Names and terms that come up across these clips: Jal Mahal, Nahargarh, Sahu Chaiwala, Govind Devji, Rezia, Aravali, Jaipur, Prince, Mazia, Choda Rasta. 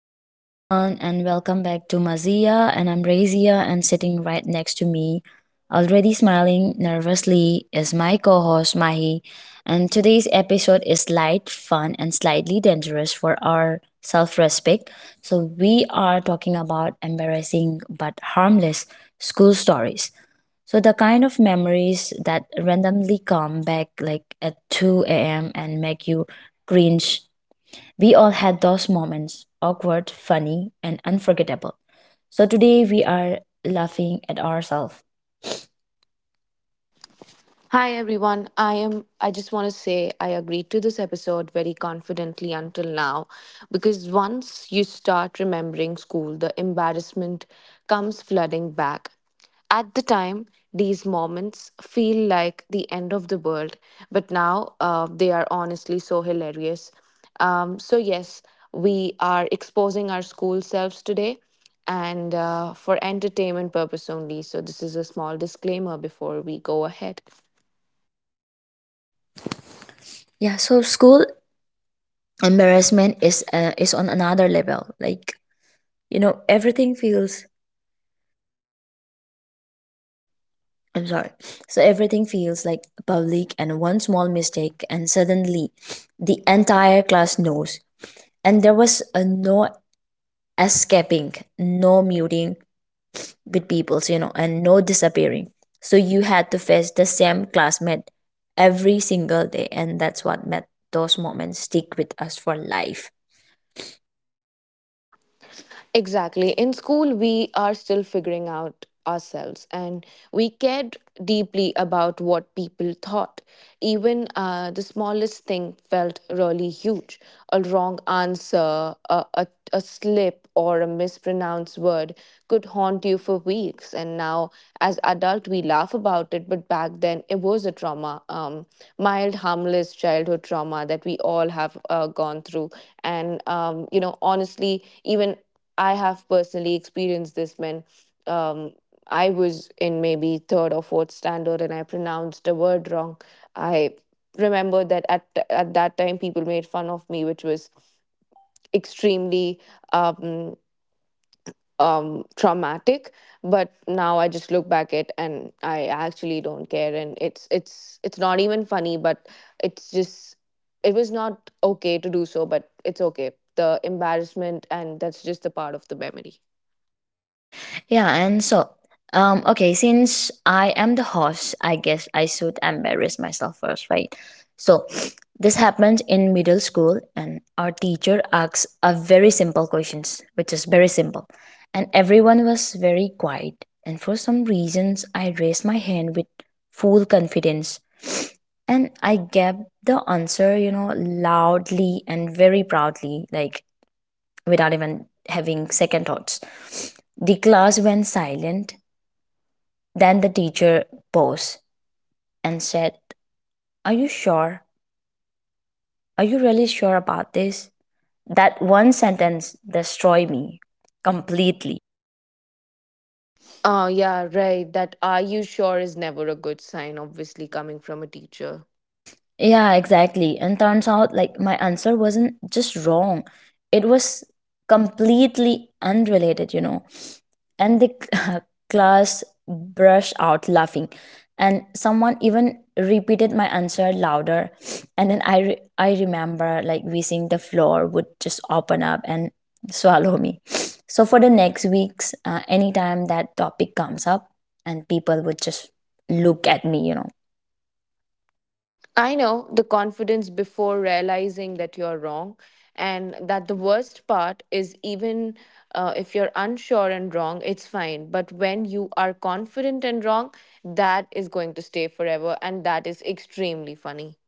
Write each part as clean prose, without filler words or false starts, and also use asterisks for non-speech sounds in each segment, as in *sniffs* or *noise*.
Hello, everyone, and welcome back to Mazia. And I'm Razia, and sitting right next to me, already smiling nervously, is my co host Mahi. And today's episode is light, fun, and slightly dangerous for our self respect. So, we are talking about embarrassing but harmless school stories. So, the kind of memories that randomly come back like at 2 a.m. and make you cringe. We all had those moments, awkward, funny, and unforgettable. So today we are laughing at ourselves. Hi everyone. I just want to say I agreed to this episode very confidently until now because once you start remembering school the embarrassment comes flooding back. At the time these moments feel like the end of the world but now they are honestly so hilarious. So yes, we are exposing our school selves today and for entertainment purpose only. So this is a small disclaimer before we go ahead. Yeah, so school embarrassment is on another level. Like, you know, everything feels. I'm sorry. So everything feels like public, and one small mistake and suddenly the entire class knows. And there was a no escaping, no muting, with peoples and no disappearing, so you had to face the same classmate every single day, and that's what made those moments stick with us for life. Exactly. In school, we are still figuring out ourselves and we cared deeply about what people thought. Even the smallest thing felt really huge. A wrong answer, a slip, or a mispronounced word could haunt you for weeks. And now, as adult, we laugh about it, but back then it was a trauma, mild, harmless childhood trauma that we all have gone through. And honestly, even I have personally experienced this when um, I was in maybe third or fourth standard and I pronounced a word wrong. I remember that at that time people made fun of me, which was extremely um, traumatic. But now I just look back at and I actually don't care, and it's not even funny, but it's just it was not okay to do so, but it's okay. The embarrassment and that's just a part of the memory. Yeah, and so, okay, since I am the host, I guess I should embarrass myself first, right? So, this happened in middle school, and our teacher asks a very simple questions, which is very simple, and everyone was very quiet. And for some reasons, I raised my hand with full confidence, and I gave the answer, you know, loudly and very proudly, like without even having second thoughts. The class went silent. Then the teacher paused and said, "Are you sure? Are you really sure about this?" That one sentence destroyed me completely. Oh, yeah, right. That are you sure is never a good sign, obviously, coming from a teacher. Yeah, exactly. And turns out, like, my answer wasn't just wrong, it was completely unrelated, you know, and the *laughs* class burst out laughing, and someone even repeated my answer louder. *sniffs* And then I remember like wishing the floor would just open up and swallow me. *sniffs* So for the next weeks, anytime that topic comes up, and people would just look at me, you know. I know the confidence before realizing that you're wrong, and that the worst part is even if you're unsure and wrong, it's fine. But when you are confident and wrong, that is going to stay forever, and that is extremely funny.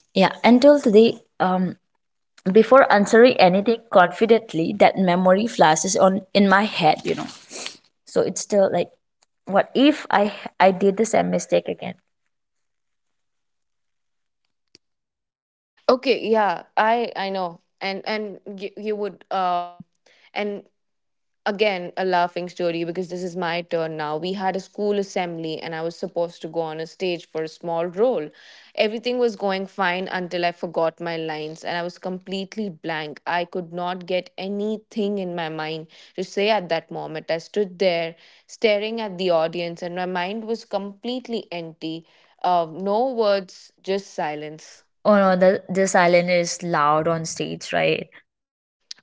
Yeah, until today, before answering anything confidently, that memory flashes on in my head, you know. So it's still like, what if I did the same mistake again? Okay, yeah, I know, and you, you would and again a laughing story because this is my turn now. We had a school assembly and I was supposed to go on a stage for a small role. Everything was going fine until I forgot my lines and I was completely blank. I could not get anything in my mind to say. At that moment I stood there staring at the audience and my mind was completely empty, no words, just silence. Oh no, the this island is loud on stage, right?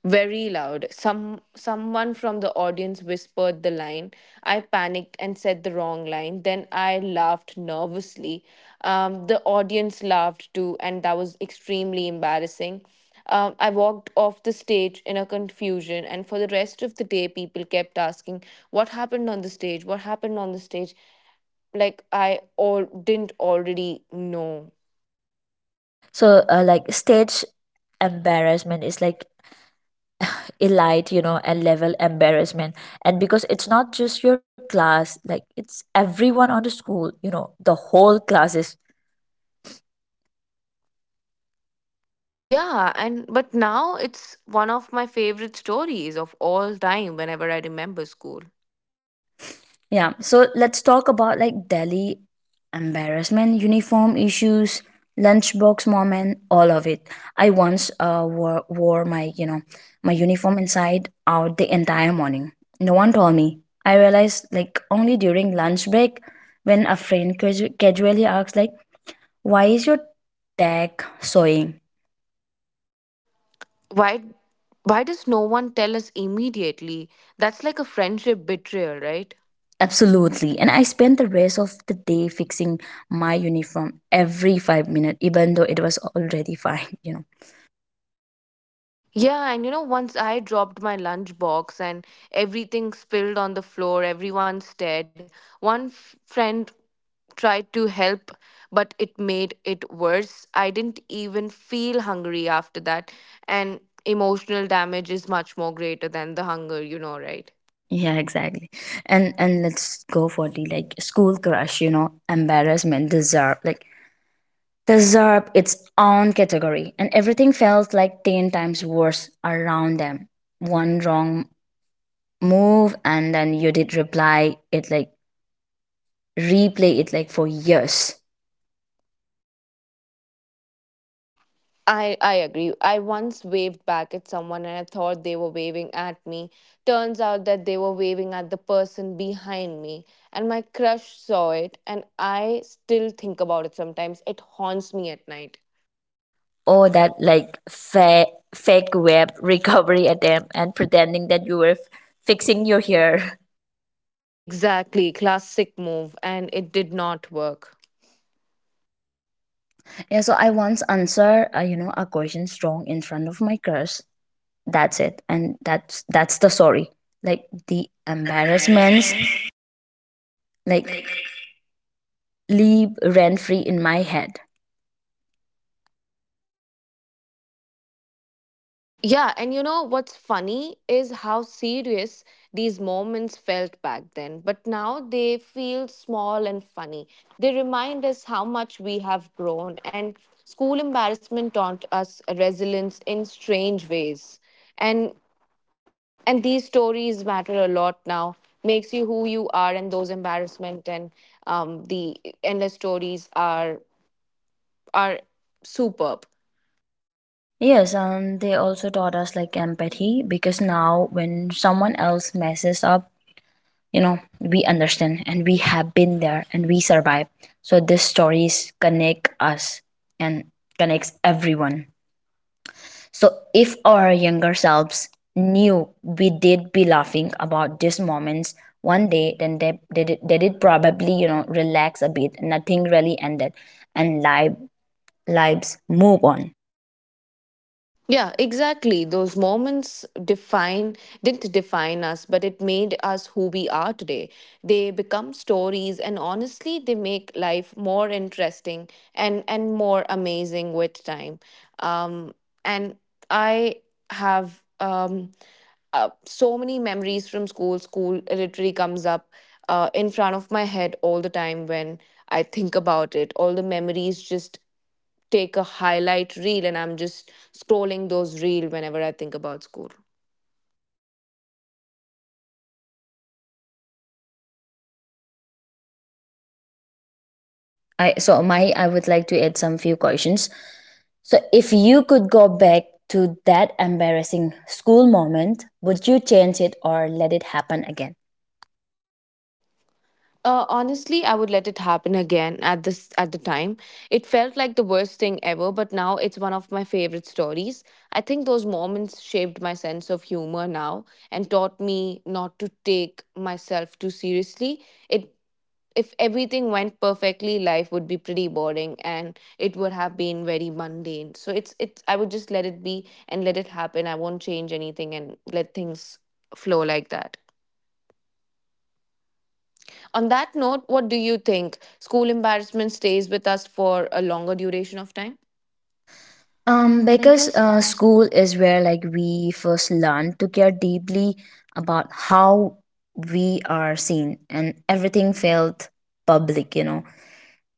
Very loud. Someone from the audience whispered the line. I panicked and said the wrong line. Then I laughed nervously. The audience laughed too, and that was extremely embarrassing. I walked off the stage in a confusion, and for the rest of the day, people kept asking, "What happened on the stage? What happened on the stage?" Like I all didn't already know. So like stage embarrassment is like elite, you know, a level embarrassment, and because it's not just your class, like it's everyone on the school, you know, the whole class is. Yeah, and but now it's one of my favorite stories of all time whenever I remember school. Yeah, so let's talk about like Delhi embarrassment, uniform issues, lunchbox moment, all of it. I once wore my, you know, my uniform inside out the entire morning. No one told me. I realized like only during lunch break when a friend casually asks like, "Why is your tag sewing?" Why why does no one tell us immediately? That's like a friendship betrayal, right? Absolutely. And I spent the rest of the day fixing my uniform every 5 minutes, even though it was already *laughs* fine, you know. Yeah, and you know, once I dropped my lunchbox and everything spilled on the floor, everyone stared. One friend tried to help, but it made it worse. I didn't even feel hungry after that. And emotional damage is much more greater than the hunger, you know, right? Yeah, exactly. And let's go for the like school crush, you know, embarrassment, deserve like deserve its own category. And everything felt like ten times worse around them. One wrong move, and then you did reply it like replay it like for years. I agree. I once waved back at someone and I thought they were waving at me. Turns out that they were waving at the person behind me and my crush saw it and I still think about it sometimes. It haunts me at night. Or that like fake web *laughs* recovery attempt, and pretending that you were fixing your hair. *laughs* Exactly, classic move and it did not work. Yeah, so I once answer, you know, a question strong in front of my crush, that's it, and that's the story. Like the embarrassments like leave rent free in my head. Yeah, and you know what's funny is how serious these moments felt back then, but now they feel small and funny. They remind us how much we have grown, and school embarrassment taught us resilience in strange ways. And and these stories matter a lot now. Makes you who you are, and those embarrassment and the endless stories are superb. Yes, and they also taught us like empathy, because now when someone else messes up, you know, we understand, and we have been there, and we survive. So these stories connect us and connects everyone. So, if our younger selves knew we did be laughing about these moments one day, then they did probably, you know, relax a bit. Nothing really ended, and lives move on. Yeah, exactly. Those moments define didn't define us, but it made us who we are today. They become stories and honestly they make life more interesting and more amazing with time. Um and I have So many memories from school. School literally comes up in front of my head all the time when I think about it. All the memories just take a highlight reel and I'm just scrolling those reel whenever I think about school. I would like to add some few questions. So, if you could go back to that embarrassing school moment, would you change it or let it happen again? Honestly, I would let it happen again at this at the time. It felt like the worst thing ever, but now it's one of my favorite stories. I think those moments shaped my sense of humor now and taught me not to take myself too seriously. It if everything went perfectly, life would be pretty boring and it would have been very mundane, so it's I would just let it be and let it happen. I won't change anything and let things flow like that. On that note, what do you think school embarrassment stays with us for a longer duration of time? Because Because school is where like we first learn to care deeply about how we are seen, and everything felt public, you know.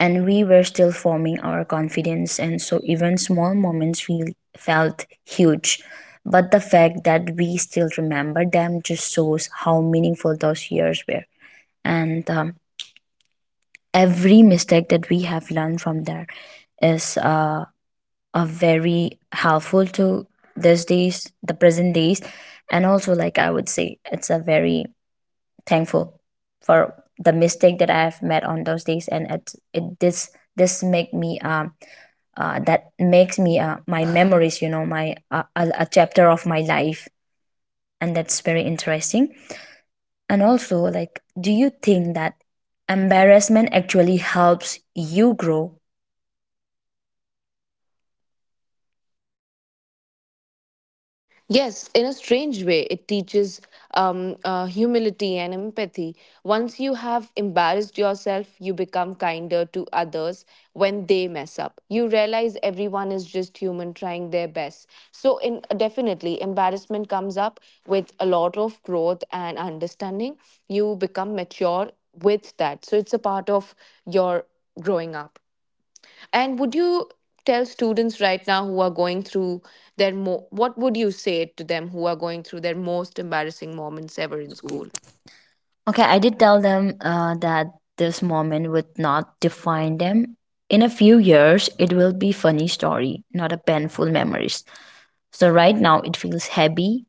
And we were still forming our confidence, and so even small moments feel felt huge. But the fact that we still remember them just shows how meaningful those years were, and every mistake that we have learned from there is are very helpful to these days, the present days, and also like I would say it's a very thankful for the mistake that I have met on those days, and it this this make me that makes me my memories, you know, my a chapter of my life, and that's very interesting. And also like, do you think that embarrassment actually helps you grow? Yes, in a strange way, it teaches humility and empathy. Once you have embarrassed yourself, you become kinder to others when they mess up. You realize everyone is just human trying their best. So, in definitely, embarrassment comes up with a lot of growth and understanding. You become mature with that. So, it's a part of your growing up. And would you tell students right now who are going through their what would you say to them who are going through their most embarrassing moments ever in school? Okay, I did tell them that this moment would not define them. In a few years, it will be funny story, not a painful memories. So right now it feels heavy,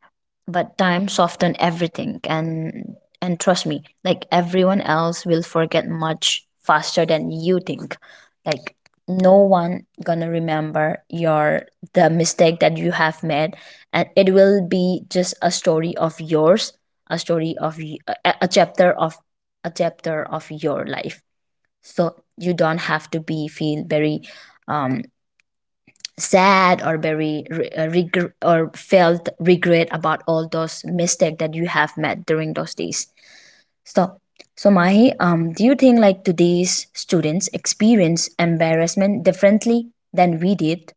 but time softened everything, and trust me, like everyone else will forget much faster than you think. Like no one gonna remember your the mistake that you have made, and it will be just a story of yours, a chapter of your life. So you don't have to be feel very um sad, or very or felt regret about all those mistakes that you have made during those days. So so mahi, do you think like today's students experience embarrassment differently than we did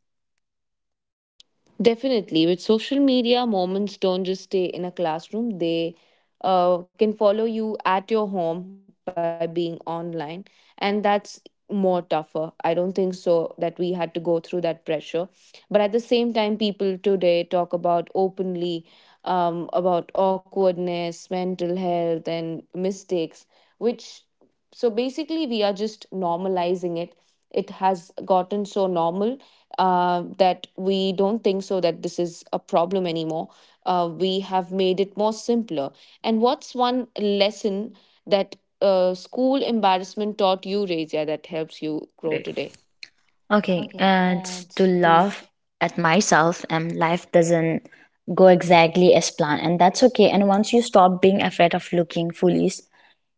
Definitely, with social media, moments don't just stay in a classroom. They can follow you at your home by being online, and that's more tougher. I don't think so that we had to go through that pressure. But at the same time, people today talk about openly about awkwardness, mental health, and mistakes, which so basically we are just normalizing it. It has gotten so normal that we don't think so that this is a problem anymore. We have made it more simpler. And what's one lesson that school embarrassment taught you, Rezia, that helps you grow today? today? Okay, Okay, and and to to laugh at myself, and life doesn't go exactly as planned, and that's okay. And once you stop being afraid of looking foolish,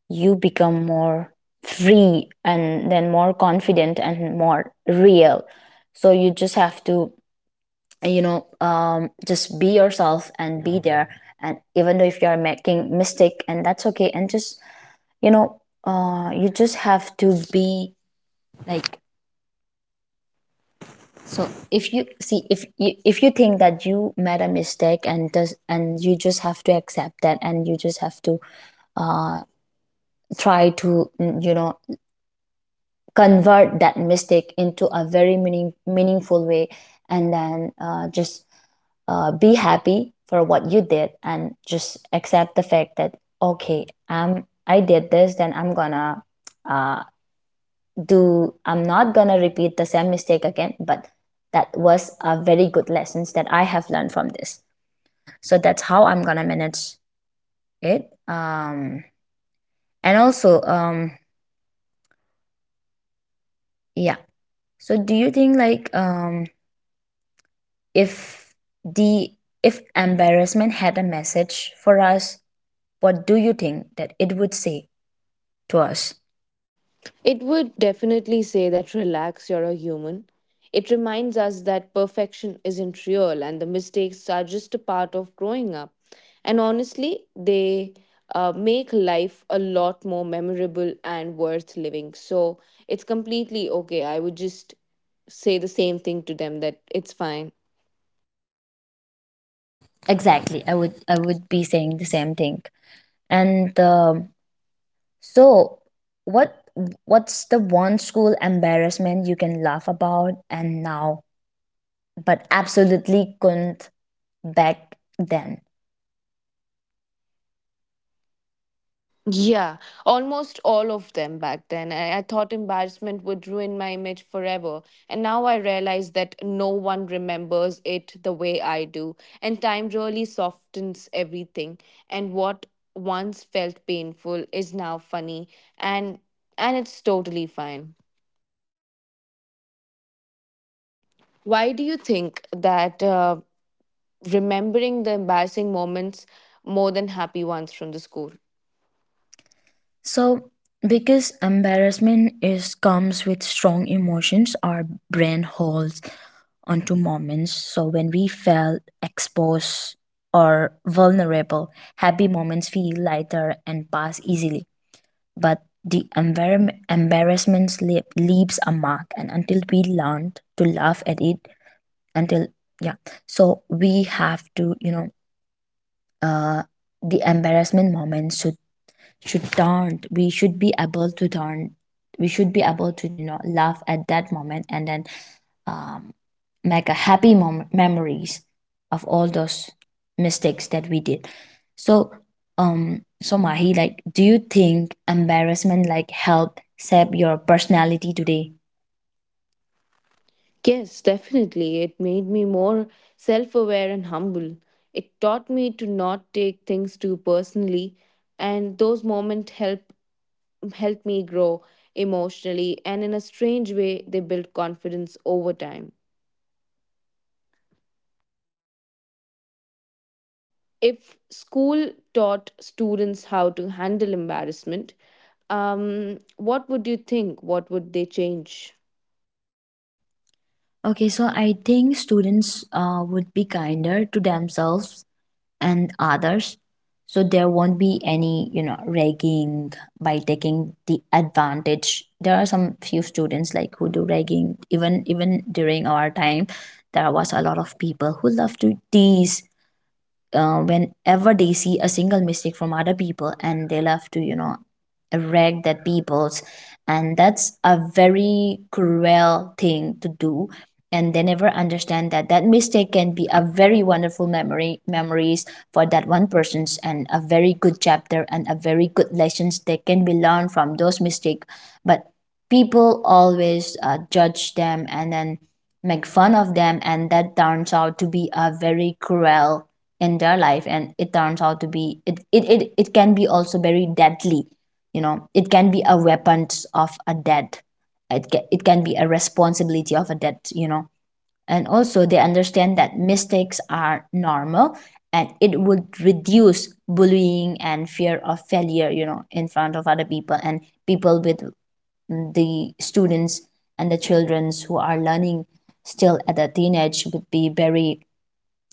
you become more free, and then more confident and more real. So you just have to, you know, just be yourself and be there, and even though if you are making mistake, and that's okay. And just, you know, you just have to be like. So if you see, if you think that you made a mistake, and does, and you just have to accept that, and you just have to uh, try to you know, convert that mistake into a very meaningful way, and then just be happy for what you did, and just accept the fact that okay, I did this, then I'm gonna uh, do I'm not gonna repeat the same mistake again. But that was a very good lessons that I have learned from this, so that's how I'm gonna manage it, and also, yeah. So do you think like, if the if embarrassment had a message for us, what do you think that it would say to us? It would definitely say that relax, you're a human. It reminds us that perfection isn't real and the mistakes are just a part of growing up. And honestly, they make life a lot more memorable and worth living. So it's completely okay. I would just say the same thing to them that it's fine. Exactly, I would be saying the same thing. And so what what's the one school embarrassment you can laugh about and now but absolutely couldn't back then? Yeah, almost all of them back then. I thought embarrassment would ruin my image forever. And now I realize that no one remembers it the way I do. And time really softens everything. And what once felt painful is now funny. And and it's totally fine. Why do you think that remembering the embarrassing moments more than happy ones from the school? So, because embarrassment is comes with strong emotions, our brain holds onto moments. So when we felt exposed or vulnerable, happy moments feel lighter and pass easily. But the embarrassment leaves a mark, and until we learn to laugh at it, until, yeah. So we have to, you know, uh the embarrassment moments should taunt, we should be able to taunt, we should be able to, you know, laugh at that moment, and then um, make a happy memories of all those mistakes that we did. So so mahi, like, do you think embarrassment like help shape your personality today? Yes, definitely. It made me more self aware and humble. It taught me to not take things too personally, and those moments help me grow emotionally and in a strange way they build confidence over time. If school taught students how to handle embarrassment, what would you think? What would they change? Okay, so I think students would be kinder to themselves and others. So there won't be any, you know, ragging by taking the advantage. There are some few students like who do ragging even during our time. There was a lot of people who love to tease whenever they see a single mistake from other people and they love to wreck that people's, and that's a very cruel thing to do, and they never understand that that mistake can be a very wonderful memory memories for that one person's, and a very good chapter and a very good lessons that can be learned from those mistake. But people always judge them and then make fun of them, and that turns out to be a very cruel in their life, and it turns out to be it can be also very deadly, you know. It can be a weapon of a death. It can be a responsibility of a death, you know. And also they understand that mistakes are normal, and it would reduce bullying and fear of failure, you know, in front of other people, and people with, the students and the childrens who are learning still at a teenage would be very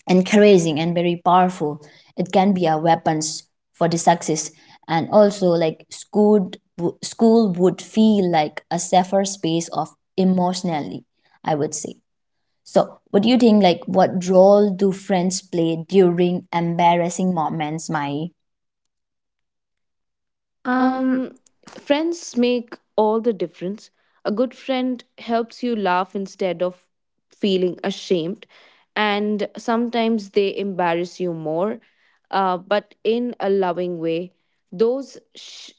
encouraging and very powerful. It can be a weapons for the success. And also like school would feel like a safer space of emotionally, I would say. So what do you think, like what role do friends play during embarrassing moments, Mai? Um, Um, Friends make all the difference. A good friend helps you laugh instead of feeling ashamed, and sometimes they embarrass you more, but in a loving way. Those sh-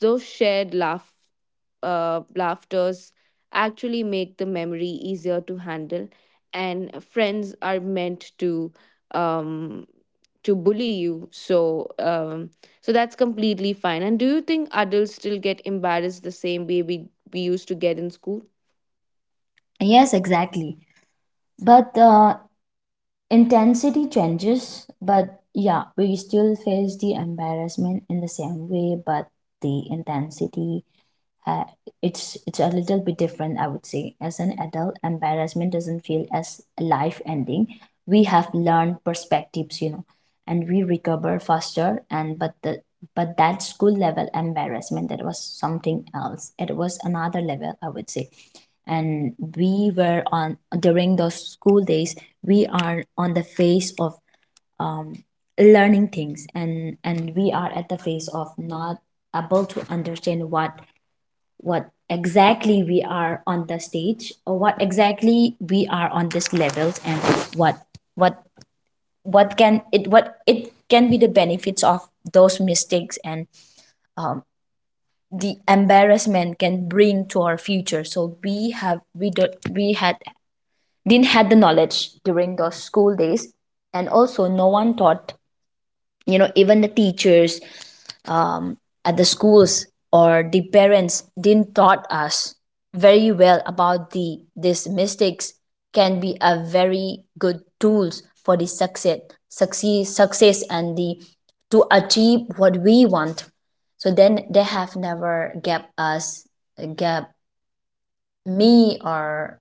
those shared laughs laughters actually make the memory easier to handle and friends are meant um, to bully you, so so that's completely fine. And do you think adults still get embarrassed the same way we used to get in school? yes, exactly. But intensity changes, but yeah, we still face the embarrassment in the same way, but the intensity, uh, it's a little bit different, I would say. As an adult, embarrassment doesn't feel as life ending. We have learned perspectives, you know, and we recover faster. And but the, but that school level embarrassment, that was something else. It was another level, I would say. And we were on, during those school days we are on the phase of, um, learning things. And we are at the phase of not able to understand what exactly we are on the stage, or what exactly we are on this levels, and what what what can it, what it can be, the benefits of those mistakes and, um, the embarrassment can bring to our future. So we have, we had didn't had the knowledge during those school days. And also no one taught, you know, even the teachers, um, at the schools or the parents didn't taught us very well about the these mistakes can be a very good tools for the success, succeed success, and the to achieve what we want. So then they have never gave us, gave me or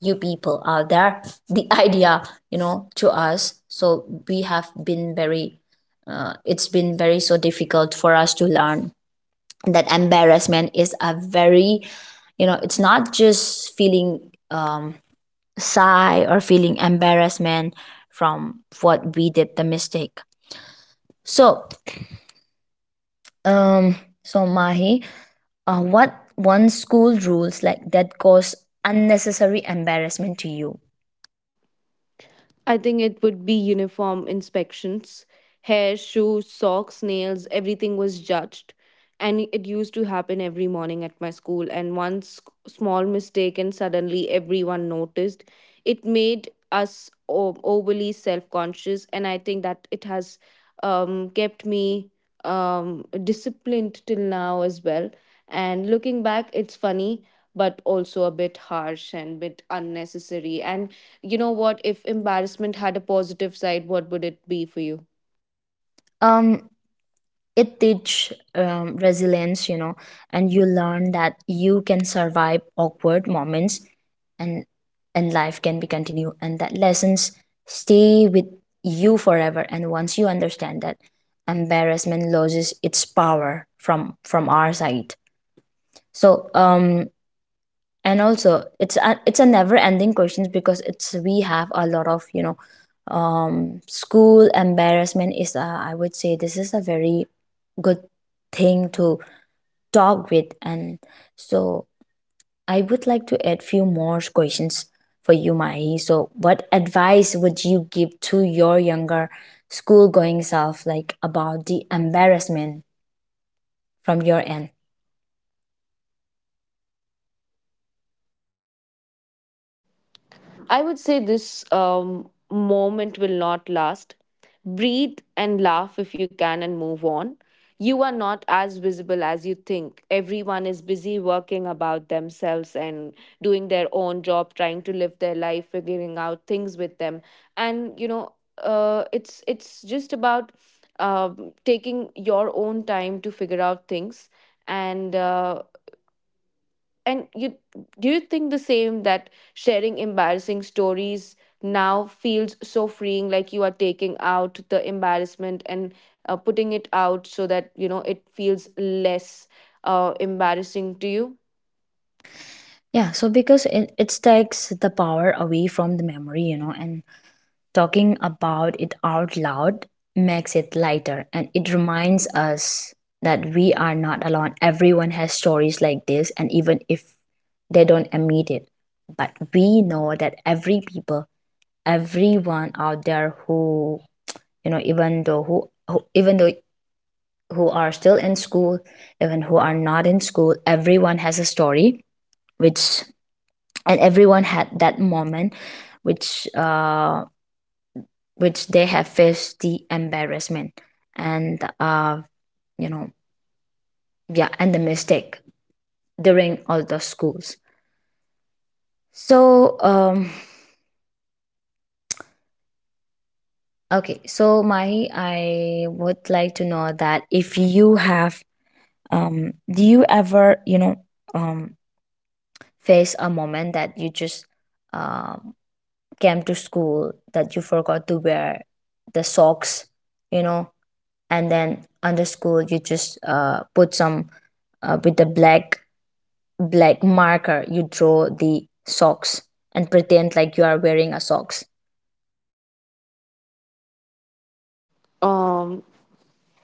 you people out there the *laughs* idea, you know, to us. So we have been very, it's been very so difficult for us to learn that embarrassment is a very, you know, it's not just feeling, um sigh, or feeling embarrassment from what we did, the mistake. So, um so Mahi, what one school rules like that cause unnecessary embarrassment to you? I think it would be uniform inspections. Hair, shoes, socks, nails, everything was judged. And it used to happen every morning at my school. And one small mistake, and suddenly everyone noticed. It made us overly self conscious. And I think that it has kept me disciplined till now as well. And looking back, it's funny, but also a bit harsh and bit unnecessary. And you know, what if embarrassment had a positive side, what would it be for you? um it teach resilience, you know, and you learn that you can survive awkward moments, and and life can be continued, and that lessons stay with you forever. And once you understand that, embarrassment loses its power from our side. So, and also it's a, it's a never ending questions, because it's, we have a lot of, you know, school embarrassment is a, I would say this is a very good thing to talk with. And so I would like to add few more questions for you, Mahi. So what advice would you give to your younger school going self, like about the embarrassment, from your end? I would say this moment will not last. Breathe and laugh if you can and move on. You are not as visible as you think. Everyone is busy working about themselves and doing their own job, trying to live their life, figuring out things with them. And you know, it's just about taking your own time to figure out things. And and you, do you think the same, that sharing embarrassing stories now feels so freeing, like you are taking out the embarrassment and putting it out so that, you know, it feels less embarrassing to you? Yeah, so because it takes the power away from the memory, you know. And talking about it out loud makes it lighter, and it reminds us that we are not alone. Everyone has stories like this, and even if they don't admit it, but we know that every people, everyone out there who, you know, even though who, even though who are still in school, even who are not in school, everyone has a story, which, and everyone had that moment, which. Which they have faced the embarrassment. And You know, yeah, and the mistake during all the schools. So, okay, so Mahi, I would like to know that if you have, do you ever, you know, um face a moment that you just um came to school that you forgot to wear the socks, you know, and then under school you just put some, with the black black marker you draw the socks and pretend like you are wearing a socks? um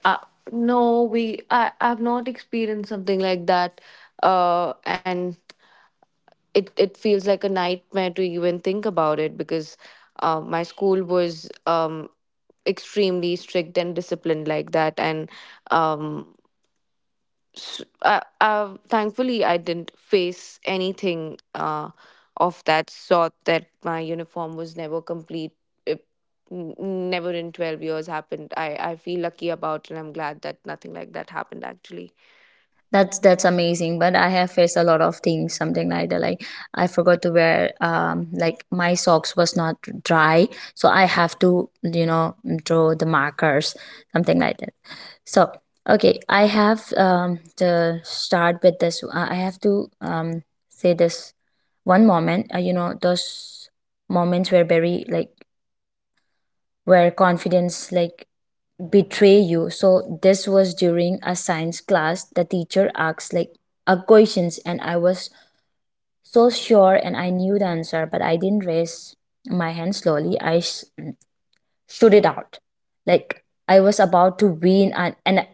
uh, no, we I, I've not experienced something like that and it feels like a nightmare to even think about it because my school was um extremely strict and disciplined like that. And um thankfully I didn't face anything of that sort that my uniform was never complete. It, never in 12 years happened. I feel lucky about and I'm glad that nothing like that happened actually. that's that's That's amazing, but I have faced a lot of things something like that. Like, I forgot to wear like my socks was not dry, so I have to, you know, draw the markers, something like that. So, okay, I have to start with this. I have to say this one moment. You know, those moments were very like, where confidence like betray you. So this was during a science class. The teacher asked like a questions, and I was so sure and I knew the answer, but I didn't raise my hand slowly. Shoot it out. Like I was about to win an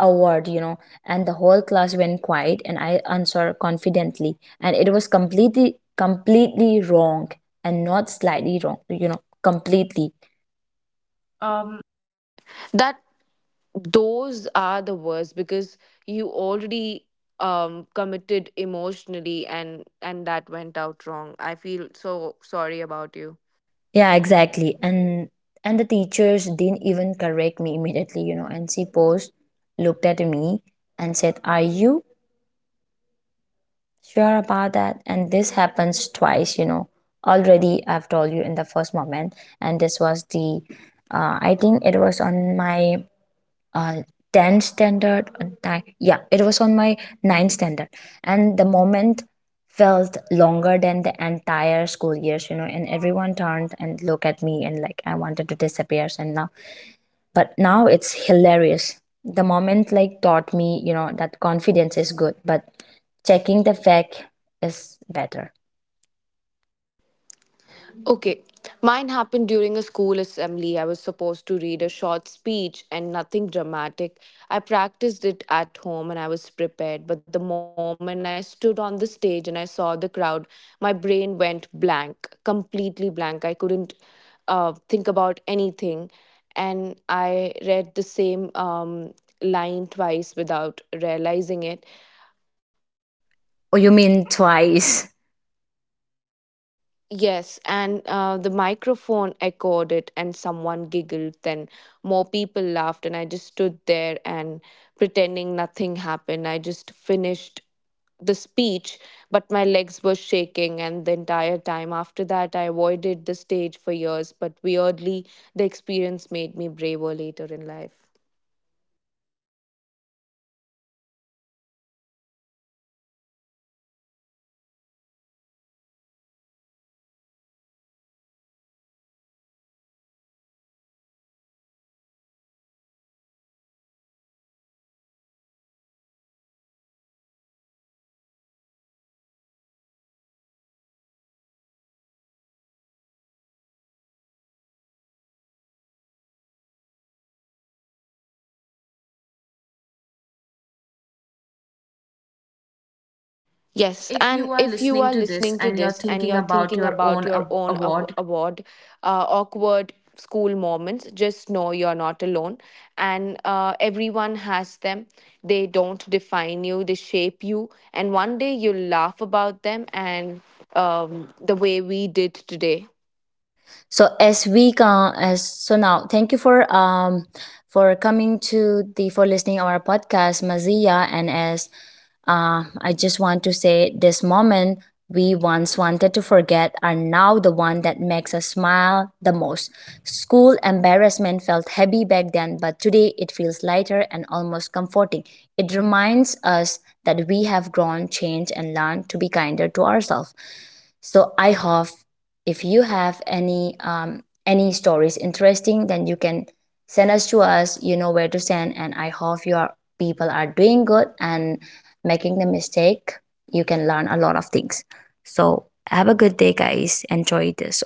award, you know, and the whole class went quiet and I answered confidently. And it was completely completely wrong, and not slightly wrong, you know, completely. that, those are the worst because you already committed emotionally and that went out wrong. I feel so sorry about you. Yeah, exactly. And the teachers didn't even correct me immediately, you know. And she paused, looked at me, and said, "Are you sure about that?" And this happens twice, you know. Already, I've told you in the first moment, and this was the, I think it was on my uh, 10th standard. Yeah, it was on my 9th standard, and the moment felt longer than the entire school years, you know. And everyone turned and looked at me, and like I wanted to disappear. And now But now it's hilarious. The moment like taught me, you know, that confidence is good, but checking the fact is better. Okay. Mine happened during a school assembly. I was supposed to read a short speech and nothing dramatic. I practiced it at home and I was prepared, but the moment I stood on the stage and I saw the crowd, my brain went blank, completely blank. I couldn't think about anything. And I read the same line twice without realizing it. Oh, you mean twice? *laughs* Yes, and the microphone echoed it, and someone giggled. Then more people laughed, and I just stood there and pretending nothing happened. I just finished the speech, but my legs were shaking, and the entire time after that, I avoided the stage for years. But weirdly, the experience made me braver later in life. Yes. And Yes, if and you are if you listening are to this listening to and you're this and thinking you're about thinking your about own your own award, award, awkward school moments, just know you're not alone. And everyone has them. They don't define you, they shape you. And one day you'll laugh about them and the way we did today. so as we can, as so now, thank you for coming to the, for listening our podcast, Mazia. And as, I just want to say, this moment we once wanted to forget are now the one that makes us smile the most. School embarrassment felt heavy back then, but today it feels lighter and almost comforting. It reminds us that we have grown, changed, and learned to be kinder to ourselves. So I hope if you have any stories interesting, then you can send us, to us, you know where to send. And I hope your people are doing good, and making the mistake you can learn a lot of things. So have a good day, guys. Enjoy this.